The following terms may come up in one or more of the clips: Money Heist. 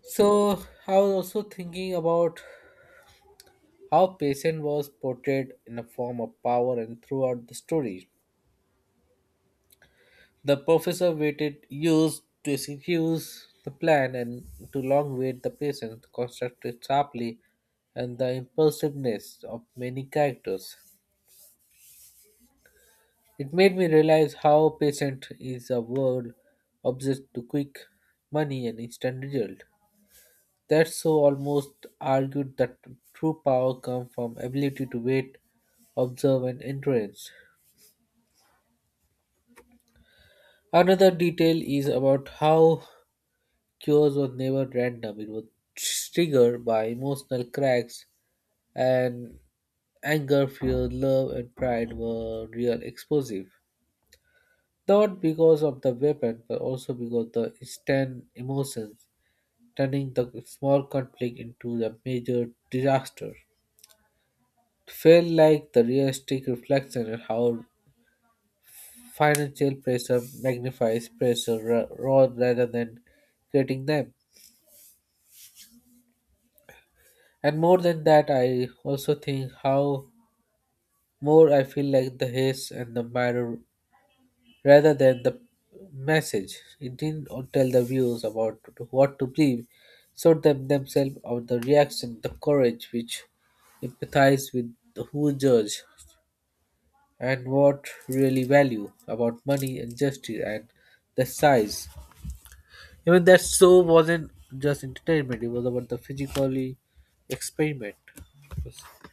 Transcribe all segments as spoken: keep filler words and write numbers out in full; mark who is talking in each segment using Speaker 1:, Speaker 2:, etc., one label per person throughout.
Speaker 1: So I was also thinking about how patient was portrayed in a form of power and throughout the story. The professor waited years to execute the plan and to long wait the patient constructed sharply and the impulsiveness of many characters. It made me realize how patient is a world obsessed to quick money and instant result. That so almost argued that true power comes from ability to wait, observe, and influence. Another detail is about how cures were never random. It was triggered by emotional cracks and anger, fear, love, and pride were real explosive. Not because of the weapon, but also because of the instant emotions, turning the small conflict into a major disaster. Felt like the realistic reflection on how financial pressure magnifies pressure ra- ra- rather than creating them. And more than that, I also think how more I feel like the haze and the mirror rather than the message. It didn't tell the viewers about what to believe, showed them themselves of the reaction, the courage which empathize with who judge. And what really value about money and gesture and the size. Even that show wasn't just entertainment, it was about the physically experiment.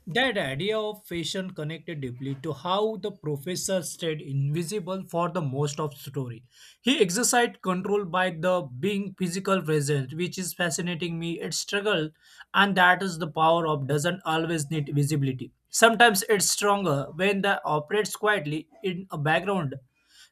Speaker 2: That idea of fashion connected deeply to how the professor stayed invisible for the most of story. He exercised control by the being physical present, which is fascinating me. It struggle, and that is the power of doesn't always need visibility. Sometimes it's stronger when the operates quietly in a background.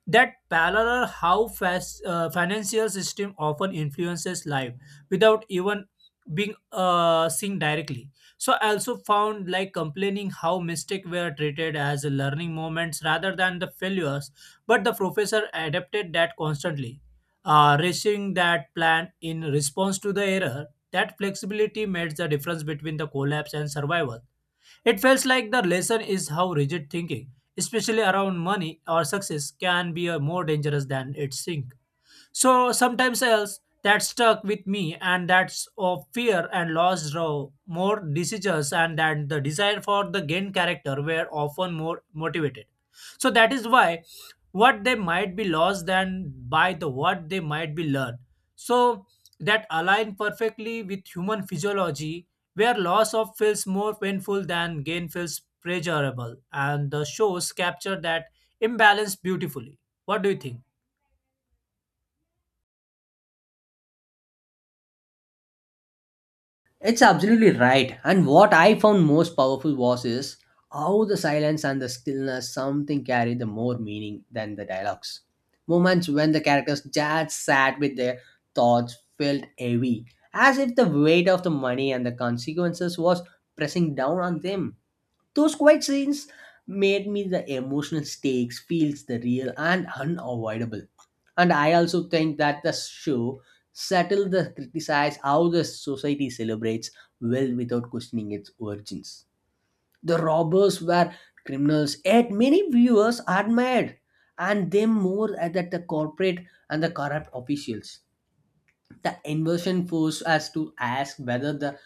Speaker 2: That parallel how fast uh, financial system often influences life without even being uh, seen directly. So I also found like complaining how mistakes were treated as learning moments rather than the failures, but the professor adapted that constantly, uh, raising that plan in response to the error. That flexibility made the difference between the collapse and survival. It feels like the lesson is how rigid thinking, especially around money or success, can be uh, more dangerous than its sink. So sometimes else that stuck with me, and that's of fear and loss draw more decisions, and that the desire for the gain character were often more motivated. So that is why what they might be lost than by the what they might be learned. So that align perfectly with human physiology, where loss of feels more painful than gain feels pleasurable, and the shows capture that imbalance beautifully. What do you think?
Speaker 3: It's absolutely right. And what I found most powerful was is how the silence and the stillness something carry the more meaning than the dialogues. Moments when the characters just sat with their thoughts felt heavy, as if the weight of the money and the consequences was pressing down on them. Those quiet scenes made me the emotional stakes feels the real and unavoidable. And I also think that the show settled the criticize how the society celebrates well without questioning its origins. The robbers were criminals, yet many viewers admired and them more at that the corporate and the corrupt officials. The inversion forced us to ask whether the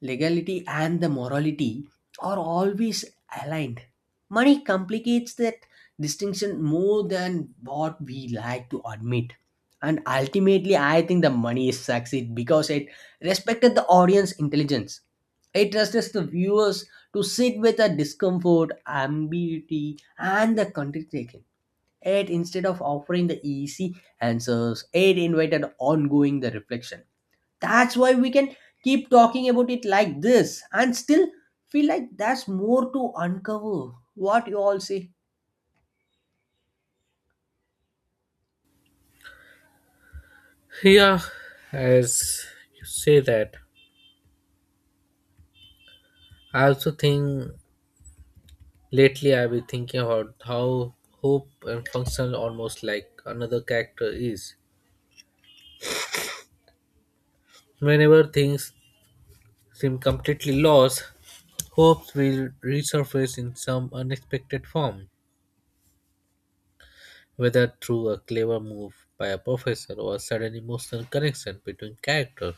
Speaker 3: legality and the morality are always aligned. Money complicates that distinction more than what we like to admit. And ultimately, I think the money succeed because it respected the audience intelligence. It trusted the viewers to sit with the discomfort, ambiguity, and the contradiction. It instead of offering the easy answers, it invited ongoing the reflection, that's why we can keep talking about it like this and still feel like there's more to uncover. What you all say?
Speaker 1: Yeah, as you say that, I also think lately I've been thinking about how hope and functional almost like another character is. Whenever things seem completely lost, hopes will resurface in some unexpected form. Whether through a clever move by a professor or a sudden emotional connection between characters.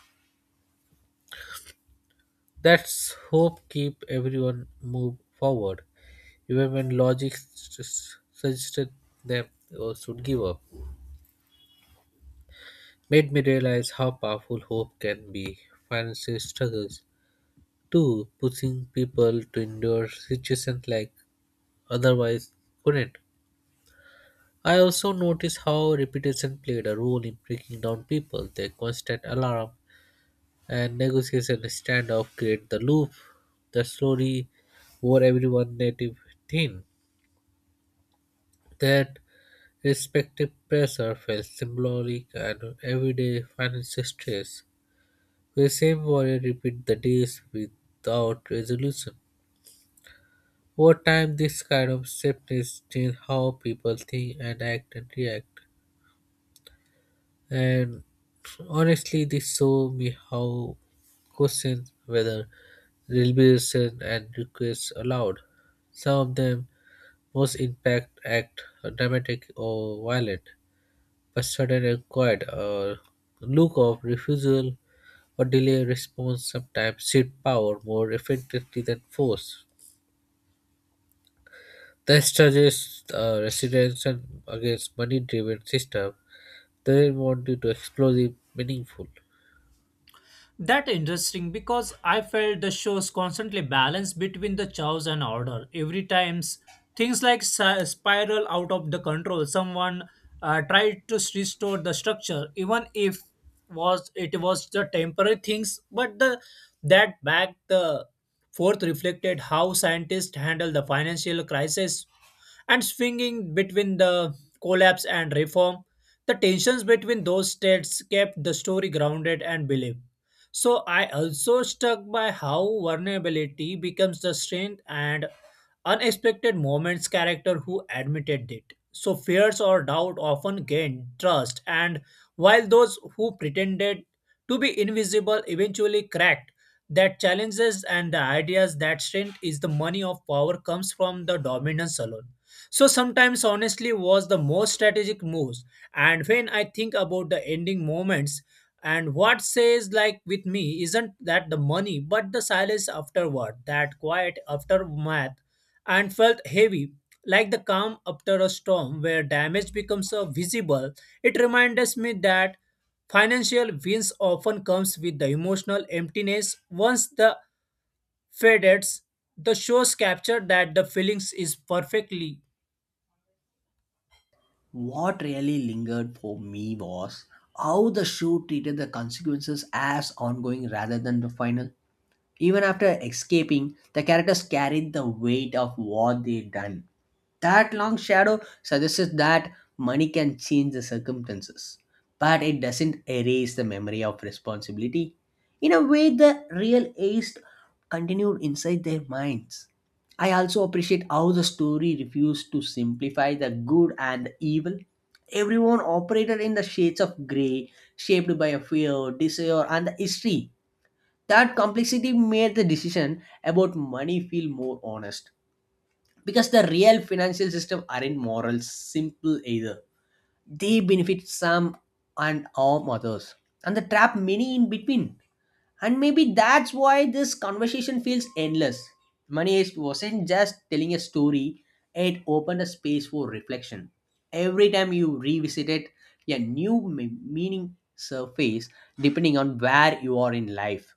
Speaker 1: That's hope keep everyone move forward, even when logic s- s- suggested them or should give up. Made me realize how powerful hope can be. Financial struggles, too, pushing people to endure situations like otherwise couldn't. I also noticed how repetition played a role in breaking down people. Their constant alarm and negotiation and standoff create the loop. The story wore everyone native thin. That respective pressure felt symbolic and everyday financial stress. The same warrior repeat the days without resolution. Over time, this kind of safety changed how people think and act and react. And honestly, this show me how questions whether they'll be deliberation and requests allowed. Some of them most impact act dramatic or violent, but sudden and quiet or look of refusal or delay response sometimes shift power more effectively than force. This charges uh, residents and against money-driven system. They want you to explosive meaningful.
Speaker 2: That interesting because I felt the show's constantly balanced between the chaos and order. Every times things like si- spiral out of the control, someone uh, tried to restore the structure, even if was it was the temporary things. But the that back the forth reflected how scientists handle the financial crisis and swinging between the collapse and reform. The tensions between those states kept the story grounded and believable. So I also struck by how vulnerability becomes the strength and unexpected moments character who admitted it. So fears or doubt often gain trust and while those who pretended to be invisible eventually cracked that challenges and the ideas that strength is the money of power comes from the dominance alone so sometimes honestly was the most strategic moves. And when I think about the ending moments and what says like with me isn't that the money but the silence afterward, that quiet aftermath and felt heavy like the calm after a storm where damage becomes uh, visible. It reminds me that financial wins often comes with the emotional emptiness once the fades the shows capture that the feelings is perfectly.
Speaker 3: What really lingered for me was how the show treated the consequences as ongoing rather than the final. Even after escaping, the characters carried the weight of what they had done. That long shadow suggests that money can change the circumstances, but it doesn't erase the memory of responsibility. In a way, the real ace continued inside their minds. I also appreciate how the story refused to simplify the good and the evil. Everyone operated in the shades of grey, shaped by a fear, desire, and the history. That complexity made the decision about money feel more honest because the real financial system aren't moral simple either, they benefit some and harm others and the trap many in between. And maybe that's why this conversation feels endless. Money wasn't just telling a story, it opened a space for reflection. Every time you revisit it, a new me- meaning surface depending on where you are in life.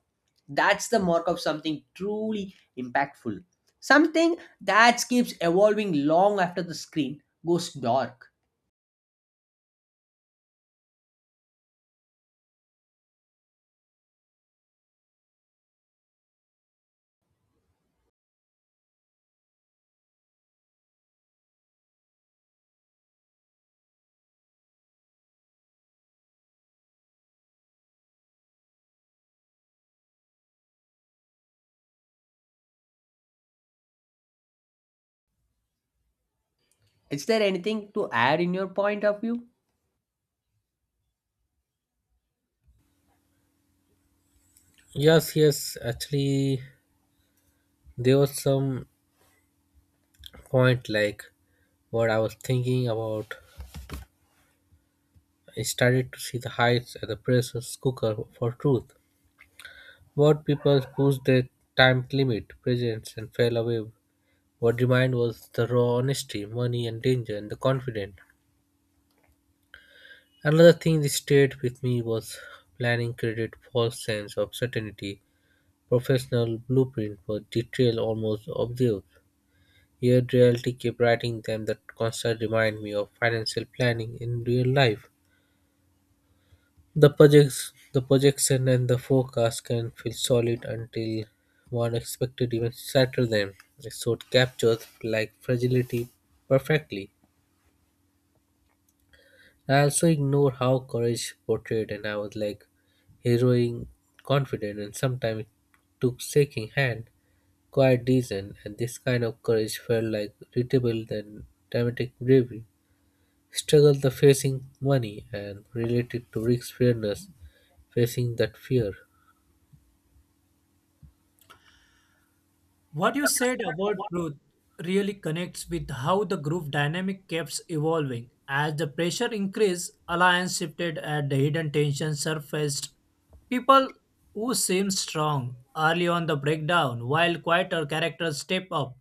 Speaker 3: That's the mark of something truly impactful, something that keeps evolving long after the screen goes dark. Is there anything to add in your point of view?
Speaker 1: Yes, yes. Actually, there was some point like what I was thinking about. I started to see the heights at the presence cooker for truth. What people pushed their time limit, presence, and fell away. What remained was the raw honesty, money, and danger, and the confidence. Another thing that stayed with me was planning created false sense of certainty, professional blueprint for detail almost obscure. Yet reality kept writing them that constant remind me of financial planning in real life. The projects the projection and the forecast can feel solid until one expected even shatter them. So it captures like fragility perfectly. I also ignore how courage portrayed and I was like heroic confident and sometimes it took shaking hand, quite decent and this kind of courage felt like readable than dramatic bravery. Struggle the facing money and related to risk fairness facing that fear.
Speaker 2: What you said about truth really connects with how the group dynamic keeps evolving. As the pressure increased, alliance shifted and the hidden tension surfaced. People who seem strong early on the breakdown, while quieter characters step up.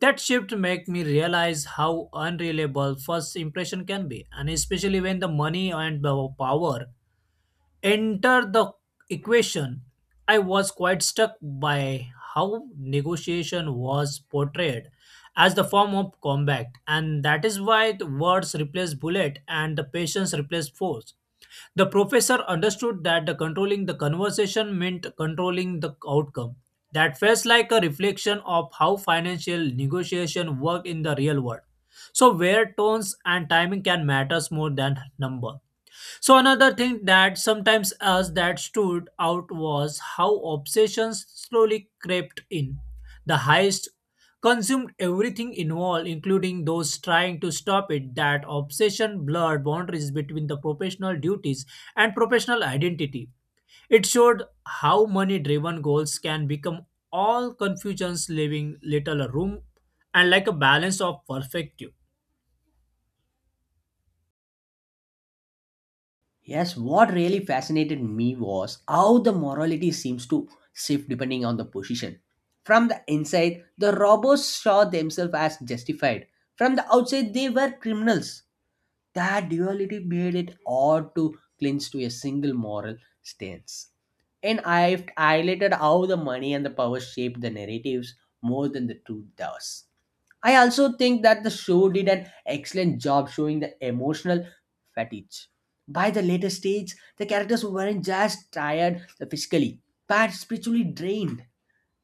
Speaker 2: That shift made me realize how unreliable first impression can be, and especially when the money and the power enter the equation. I was quite struck by how negotiation was portrayed as the form of combat, and that is why the words replaced bullet and the patience replaced force. The professor understood that the controlling the conversation meant controlling the outcome. That felt like a reflection of how financial negotiation work in the real world. So where tones and timing can matters more than number. So another thing that sometimes us that stood out was how obsessions slowly crept in. The heist consumed everything involved, including those trying to stop it. That obsession blurred boundaries between the professional duties and professional identity. It showed how money driven goals can become all confusions, leaving little room and like a balance of perspective.
Speaker 3: Yes, what really fascinated me was how the morality seems to shift depending on the position. From the inside, the robbers saw themselves as justified. From the outside, they were criminals. That duality made it hard to clinch to a single moral stance. And I've highlighted how the money and the power shaped the narratives more than the truth does. I also think that the show did an excellent job showing the emotional fatigue. By the later stage, the characters weren't just tired physically, but spiritually drained.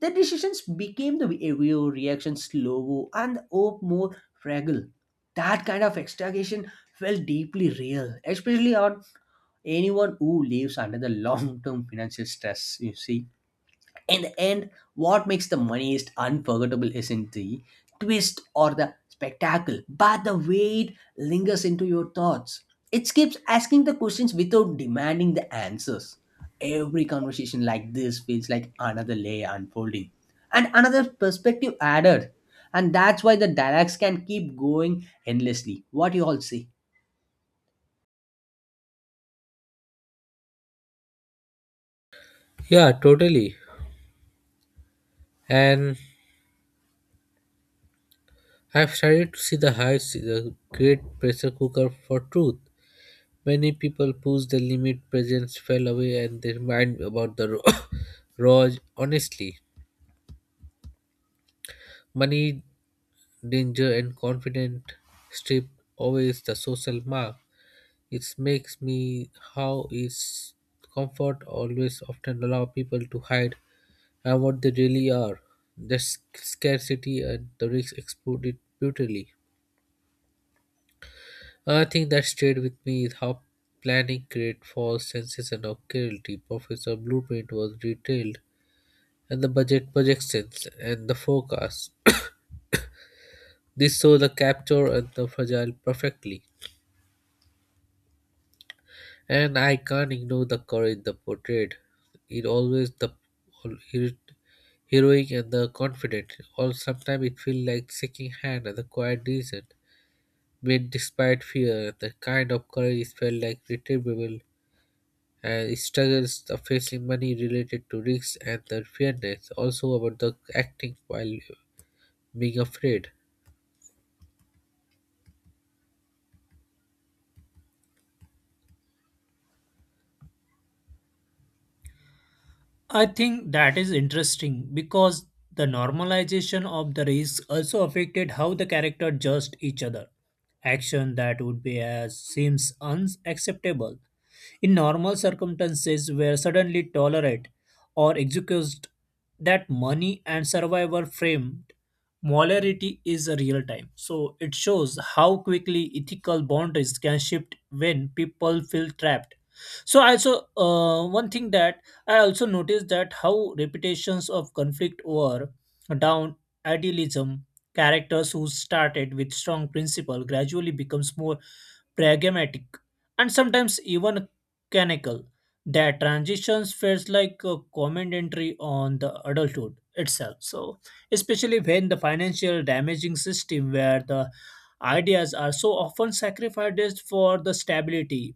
Speaker 3: Their decisions became the behavior reaction slow and the hope more fragile. That kind of extragation felt deeply real, especially on anyone who lives under the long term financial stress, you see, in the end, what makes the moneyest unforgettable isn't the twist or the spectacle, but the way it lingers into your thoughts. It keeps asking the questions without demanding the answers. Every conversation like this feels like another layer unfolding and another perspective added. And that's why the dialogues can keep going endlessly. What do you all say?
Speaker 1: Yeah, totally. And I've started to see the heights is a great pressure cooker for truth. Many people push the limit presence fell away and they mind about the ro- raw honestly, money, danger, and confident strip always the social mark. It makes me how is comfort always often allow people to hide and what they really are. Their sc- scarcity and the risks exploded brutally. Another thing that stayed with me is how planning created false senses and of clarity. Professor Blueprint was detailed, and the budget projections and the forecast. This saw the capture and the fragile perfectly, and I can't ignore the courage the portrayed. It always the all- hero- heroic and the confident, or sometimes it feels like shaking hand and the quiet reason. But despite fear, the kind of courage is felt like retrievable and struggles of facing money related to risks and the fairness, also about the acting while being afraid.
Speaker 2: I think that is interesting because the normalization of the race also affected how the character judged each other. Action that would be as seems unacceptable in normal circumstances were suddenly tolerated or excused. That money and survivor framed molarity is a real time. So it shows how quickly ethical boundaries can shift when people feel trapped. So I also uh, one thing that I also noticed that how reputations of conflict were down idealism characters who started with strong principle gradually becomes more pragmatic and sometimes even canonical. That transitions feels like a commentary on the adulthood itself. So especially when the financial damaging system where the ideas are so often sacrificed for the stability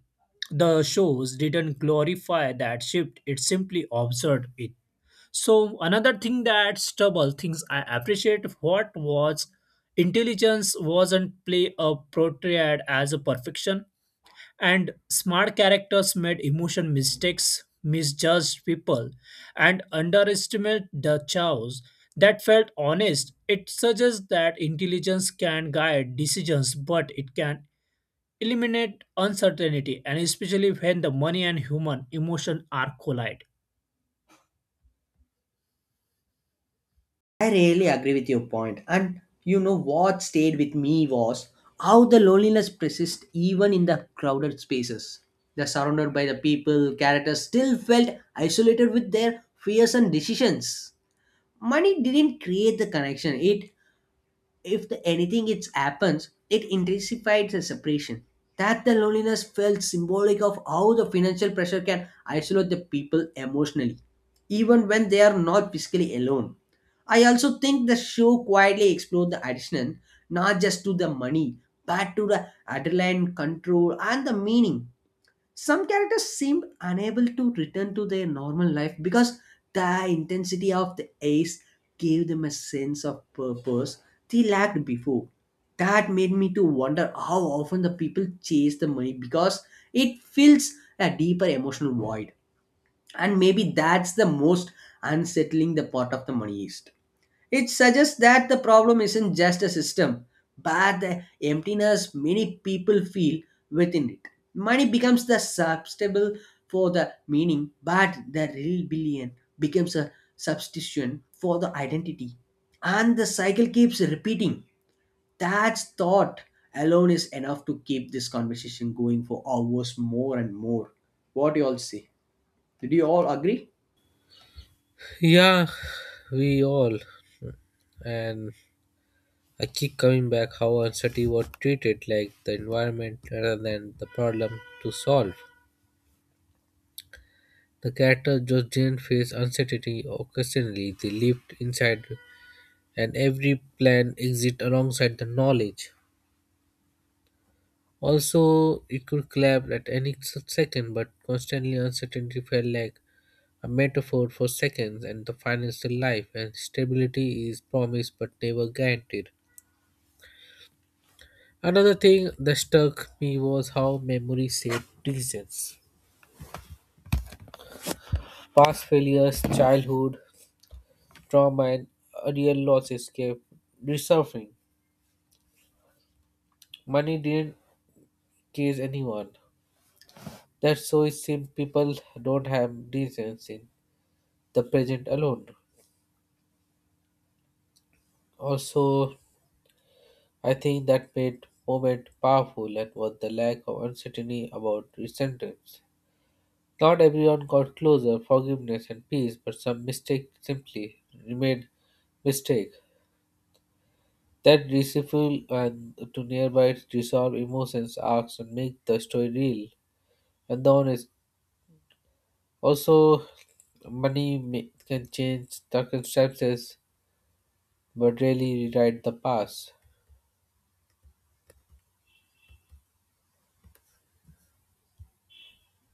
Speaker 2: the shows didn't glorify that shift, it simply observed it. So another thing that stubble things I appreciate what was intelligence wasn't play a portrayed as a perfection and smart characters made emotion mistakes misjudged people and underestimate the chaos. That felt honest. It suggests that intelligence can guide decisions but it can eliminate uncertainty and especially when the money and human emotion are collide.
Speaker 3: I really agree with your point. And you know what stayed with me was how the loneliness persists even in the crowded spaces. The surrounded by the people, characters still felt isolated with their fears and decisions. Money didn't create the connection, it, if the anything it happens, it intensifies the separation. That the loneliness felt symbolic of how the financial pressure can isolate the people emotionally, even when they are not physically alone. I also think the show quietly explored the addiction, not just to the money, but to the adrenaline control and the meaning. Some characters seem unable to return to their normal life because the intensity of the ace gave them a sense of purpose they lacked before. That made me to wonder how often the people chase the money because it fills a deeper emotional void. And maybe that's the most unsettling the part of the money is, it suggests that the problem isn't just a system, but the emptiness many people feel within it. Money becomes the substable for the meaning, but the real billion becomes a substitution for the identity. And the cycle keeps repeating. That thought alone is enough to keep this conversation going for hours more and more. What do you all say? Did you all agree?
Speaker 1: Yeah, we all. And I keep coming back how uncertainty was treated like the environment rather than the problem to solve. The character just didn't face uncertainty occasionally, they lived inside and every plan exit alongside the knowledge. Also, it could collapse at any s- second, but constantly uncertainty felt like a metaphor for seconds and the financial life, and stability is promised but never guaranteed. Another thing that struck me was how memory shaped decisions. Past failures, childhood, trauma, and real losses kept resurfacing. Money didn't case anyone. That's so it seems people don't have reasons in the present alone. Also, I think that made moment powerful and was the lack of uncertainty about resentment. Not everyone got closer, forgiveness and peace, but some mistake simply remained mistake. That disciple and to nearby resolve emotions, arcs, and make the story real and the honest. Also, money ma- can change circumstances, but really rewrite the past.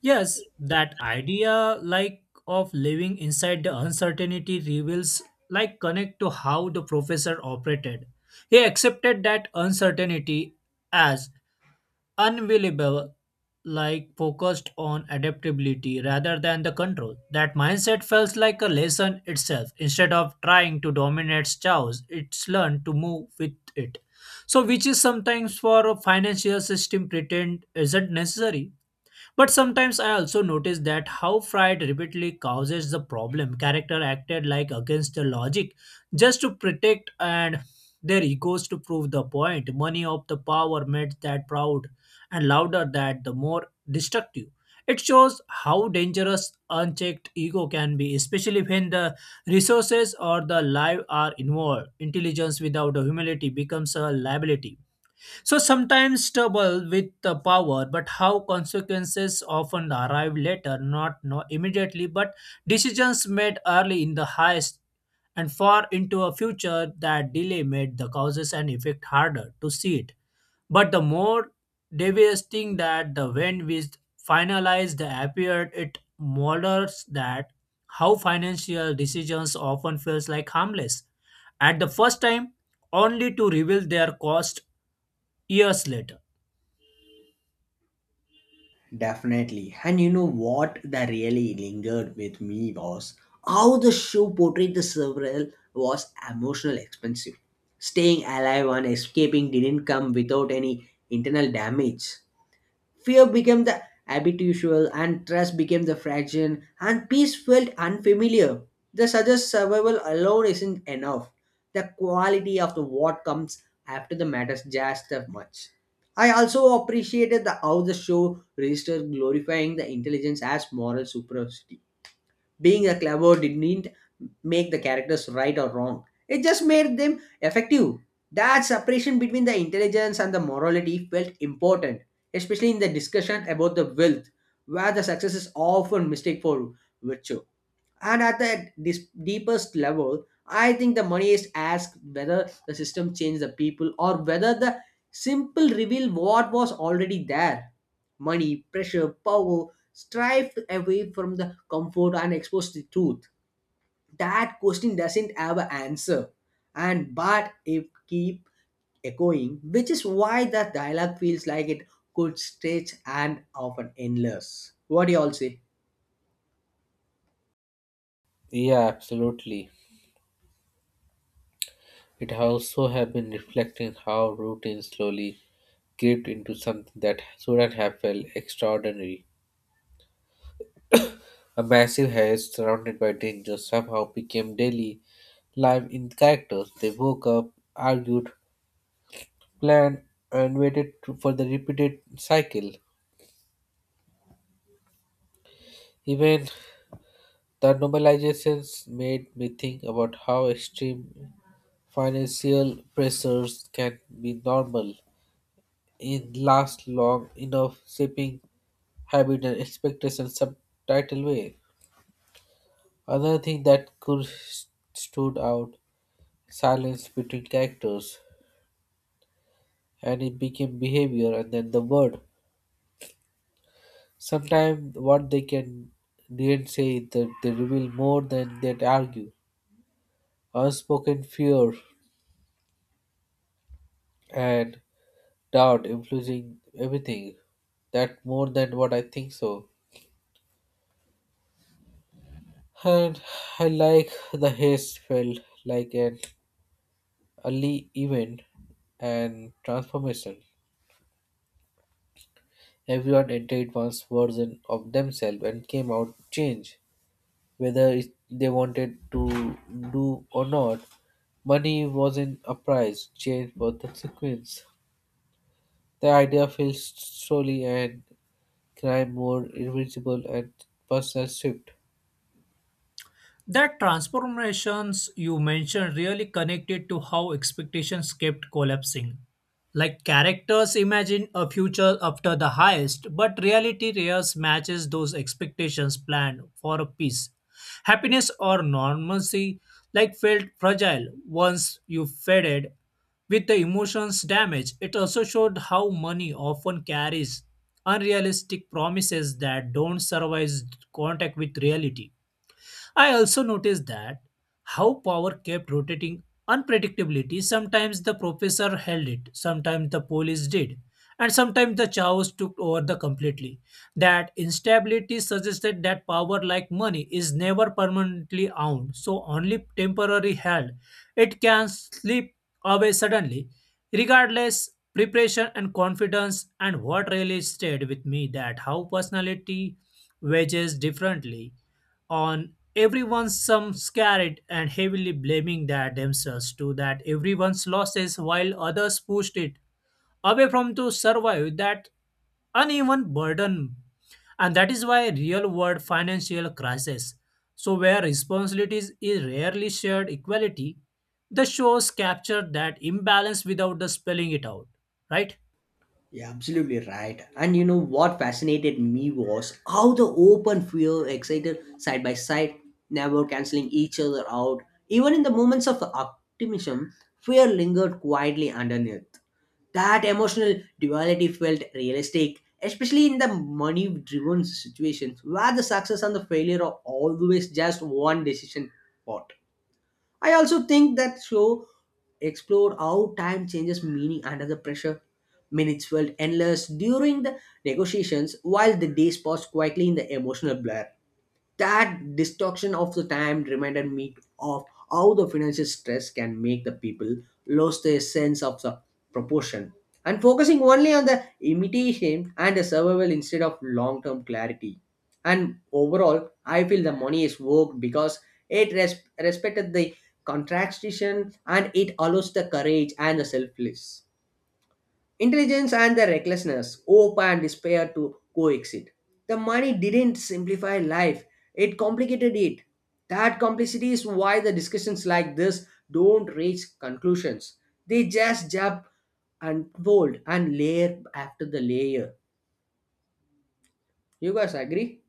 Speaker 2: Yes, that idea like of living inside the uncertainty reveals like connect to how the professor operated. He accepted that uncertainty as unavailable like focused on adaptability rather than the control. That mindset feels like a lesson itself. Instead of trying to dominate chaos, it's learned to move with it. So which is sometimes for a financial system pretend isn't necessary, but sometimes I also notice that how Fried repeatedly causes the problem. Character acted like against the logic just to protect and their egos to prove the point. Money of the power made that proud and louder that the more destructive. It shows how dangerous unchecked ego can be, especially when the resources or the life are involved. Intelligence without the humility becomes a liability. So sometimes trouble with the power, but how consequences often arrive later, not no immediately, but decisions made early in the highest and far into a future that delay made the causes and effect harder to see it. But the more devastating that the when we finalized the appeared, it models that how financial decisions often feels like harmless at the first time only to reveal their cost years later.
Speaker 3: Definitely. And you know what, that really lingered with me was how the show portrayed the several was emotional expensive. Staying alive and escaping didn't come without any internal damage. Fear became the habitual, and trust became the fraction, and peace felt unfamiliar. They suggest survival alone isn't enough. The quality of the what comes after the matters just as much. I also appreciated the, how the show registered glorifying the intelligence as moral superiority, being a clever didn't make the characters right or wrong. It just made them effective. That separation between the intelligence and the morality felt important, especially in the discussion about the wealth, where the success is often mistaken for virtue. And at the dis- deepest level, I think the money is asked whether the system changed the people or whether the simple reveal what was already there. Money, pressure, power, strive away from the comfort and expose the truth. That question doesn't have an answer. And but it keep echoing, which is why that dialogue feels like it could stretch and often endless. What do you all say?
Speaker 1: Yeah, absolutely. It also have been reflecting how routine slowly shaped into something that shouldn't have felt extraordinary. A massive haze surrounded by danger somehow became daily life in characters. They woke up, argued, planned, and waited to- for the repeated cycle. Even the normalizations made me think about how extreme financial pressures can be normal in last long enough shaping habit and expectation subtitle way. Another thing that could stood out silence between characters, and it became behavior and then the word. Sometimes what they can didn't say that they reveal more than they argue. Unspoken fear and doubt influencing everything. That more than what I think so. And I like the haste felt like an early event and transformation. Everyone entered one's version of themselves and came out changed, whether it, they wanted to do or not. Money wasn't a price, change was the consequence. The idea feels slowly and crime more invisible and personal shift.
Speaker 2: That transformations you mentioned really connected to how expectations kept collapsing. Like characters imagine a future after the highest, but reality rarely matches those expectations planned for a peace. Happiness or normalcy like felt fragile once you faded with the emotions damage. It also showed how money often carries unrealistic promises that don't survive contact with reality. I also noticed that how power kept rotating unpredictability. Sometimes the professor held it, sometimes the police did, and sometimes the chaos took over the completely. That instability suggested that power, like money, is never permanently owned, so only temporary held. It can slip away suddenly. Regardless, preparation and confidence, and what really stayed with me that how personality wages differently on everyone's some scared and heavily blaming that themselves to that everyone's losses while others pushed it away from to survive that uneven burden and that is why real world financial crisis so where responsibilities is rarely shared equality the shows capture that imbalance without the spelling it out, right?
Speaker 3: Yeah, absolutely right. And you know what fascinated me was how the open fuel excited side by side, never canceling each other out. Even in the moments of optimism, fear lingered quietly underneath. That emotional duality felt realistic, especially in the money driven situations where the success and the failure are always just one decision. Pot. I also think that show explore how time changes meaning under the pressure. Minutes felt endless during the negotiations while the days passed quietly in the emotional blur. That distortion of the time reminded me of how the financial stress can make the people lose their sense of the proportion and focusing only on the imitation and the survival instead of long-term clarity. And overall, I feel the money is worked because it res- respected the contraction and it allows the courage and the selfless. Intelligence and the recklessness, hope and despair to coexist. The money didn't simplify life, it complicated it. That complexity is why the discussions like this don't reach conclusions. They just jump unfold and layer after the layer. You guys agree?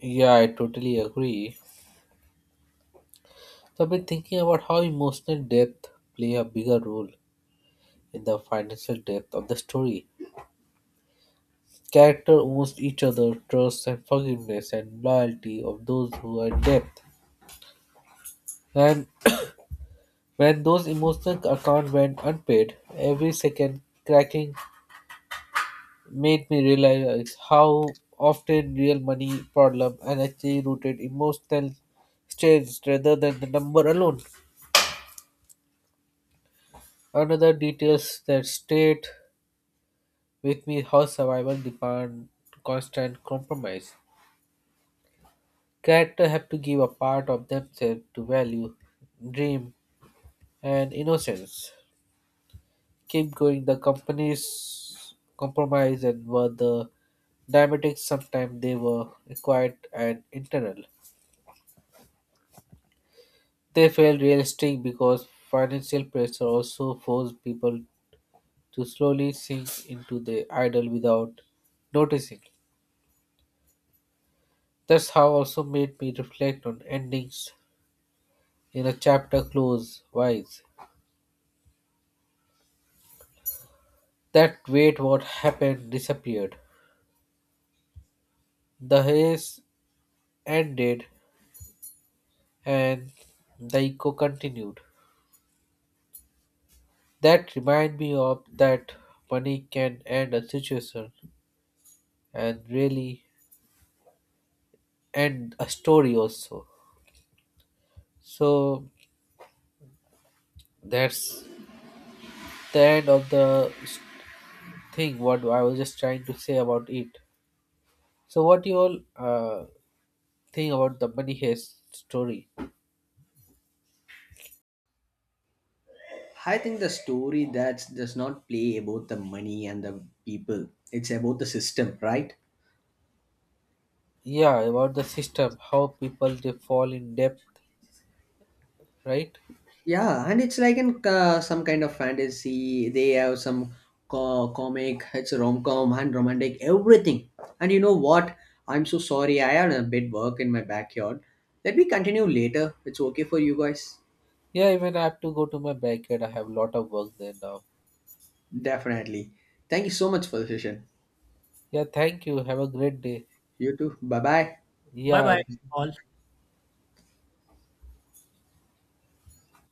Speaker 1: Yeah, I totally agree. So I've been thinking about how emotional depth play a bigger role in the financial depth of the story. Character owes each other trust and forgiveness and loyalty of those who are in debt. And when those emotional accounts went unpaid, every second cracking made me realize how often real money problem and actually rooted emotional states rather than the number alone. Another details that stayed with me how survival demand constant compromise. Character have to give a part of themselves to value, dream, and innocence keep going. The companies compromised and were the diabetics sometimes they were acquired and internal. They felt realistic because financial pressure also forced people to slowly sink into the idol without noticing. That's how also made me reflect on endings in a chapter close wise. That wait what happened disappeared. The haze ended and the echo continued. That remind me of that money can end a situation and really end a story also. So that's the end of the s- thing what I was just trying to say about it. So what you all uh, think about the money heist story?
Speaker 3: I think the story that does not play about the money and the people. It's about the system, right?
Speaker 1: Yeah, about the system, how people they fall in depth, right?
Speaker 3: Yeah, and it's like in uh, some kind of fantasy. They have some co- comic, it's a rom com and romantic, everything. And you know what? I'm so sorry. I had a bit work in my backyard. Let me continue later. It's okay for you guys?
Speaker 1: Yeah, even I have to go to my backyard. I have a lot of work there now.
Speaker 3: Definitely. Thank you so much for the session.
Speaker 1: Yeah, thank you. Have a great day.
Speaker 3: You too. Bye bye.
Speaker 2: Bye
Speaker 1: Yeah,
Speaker 2: bye all.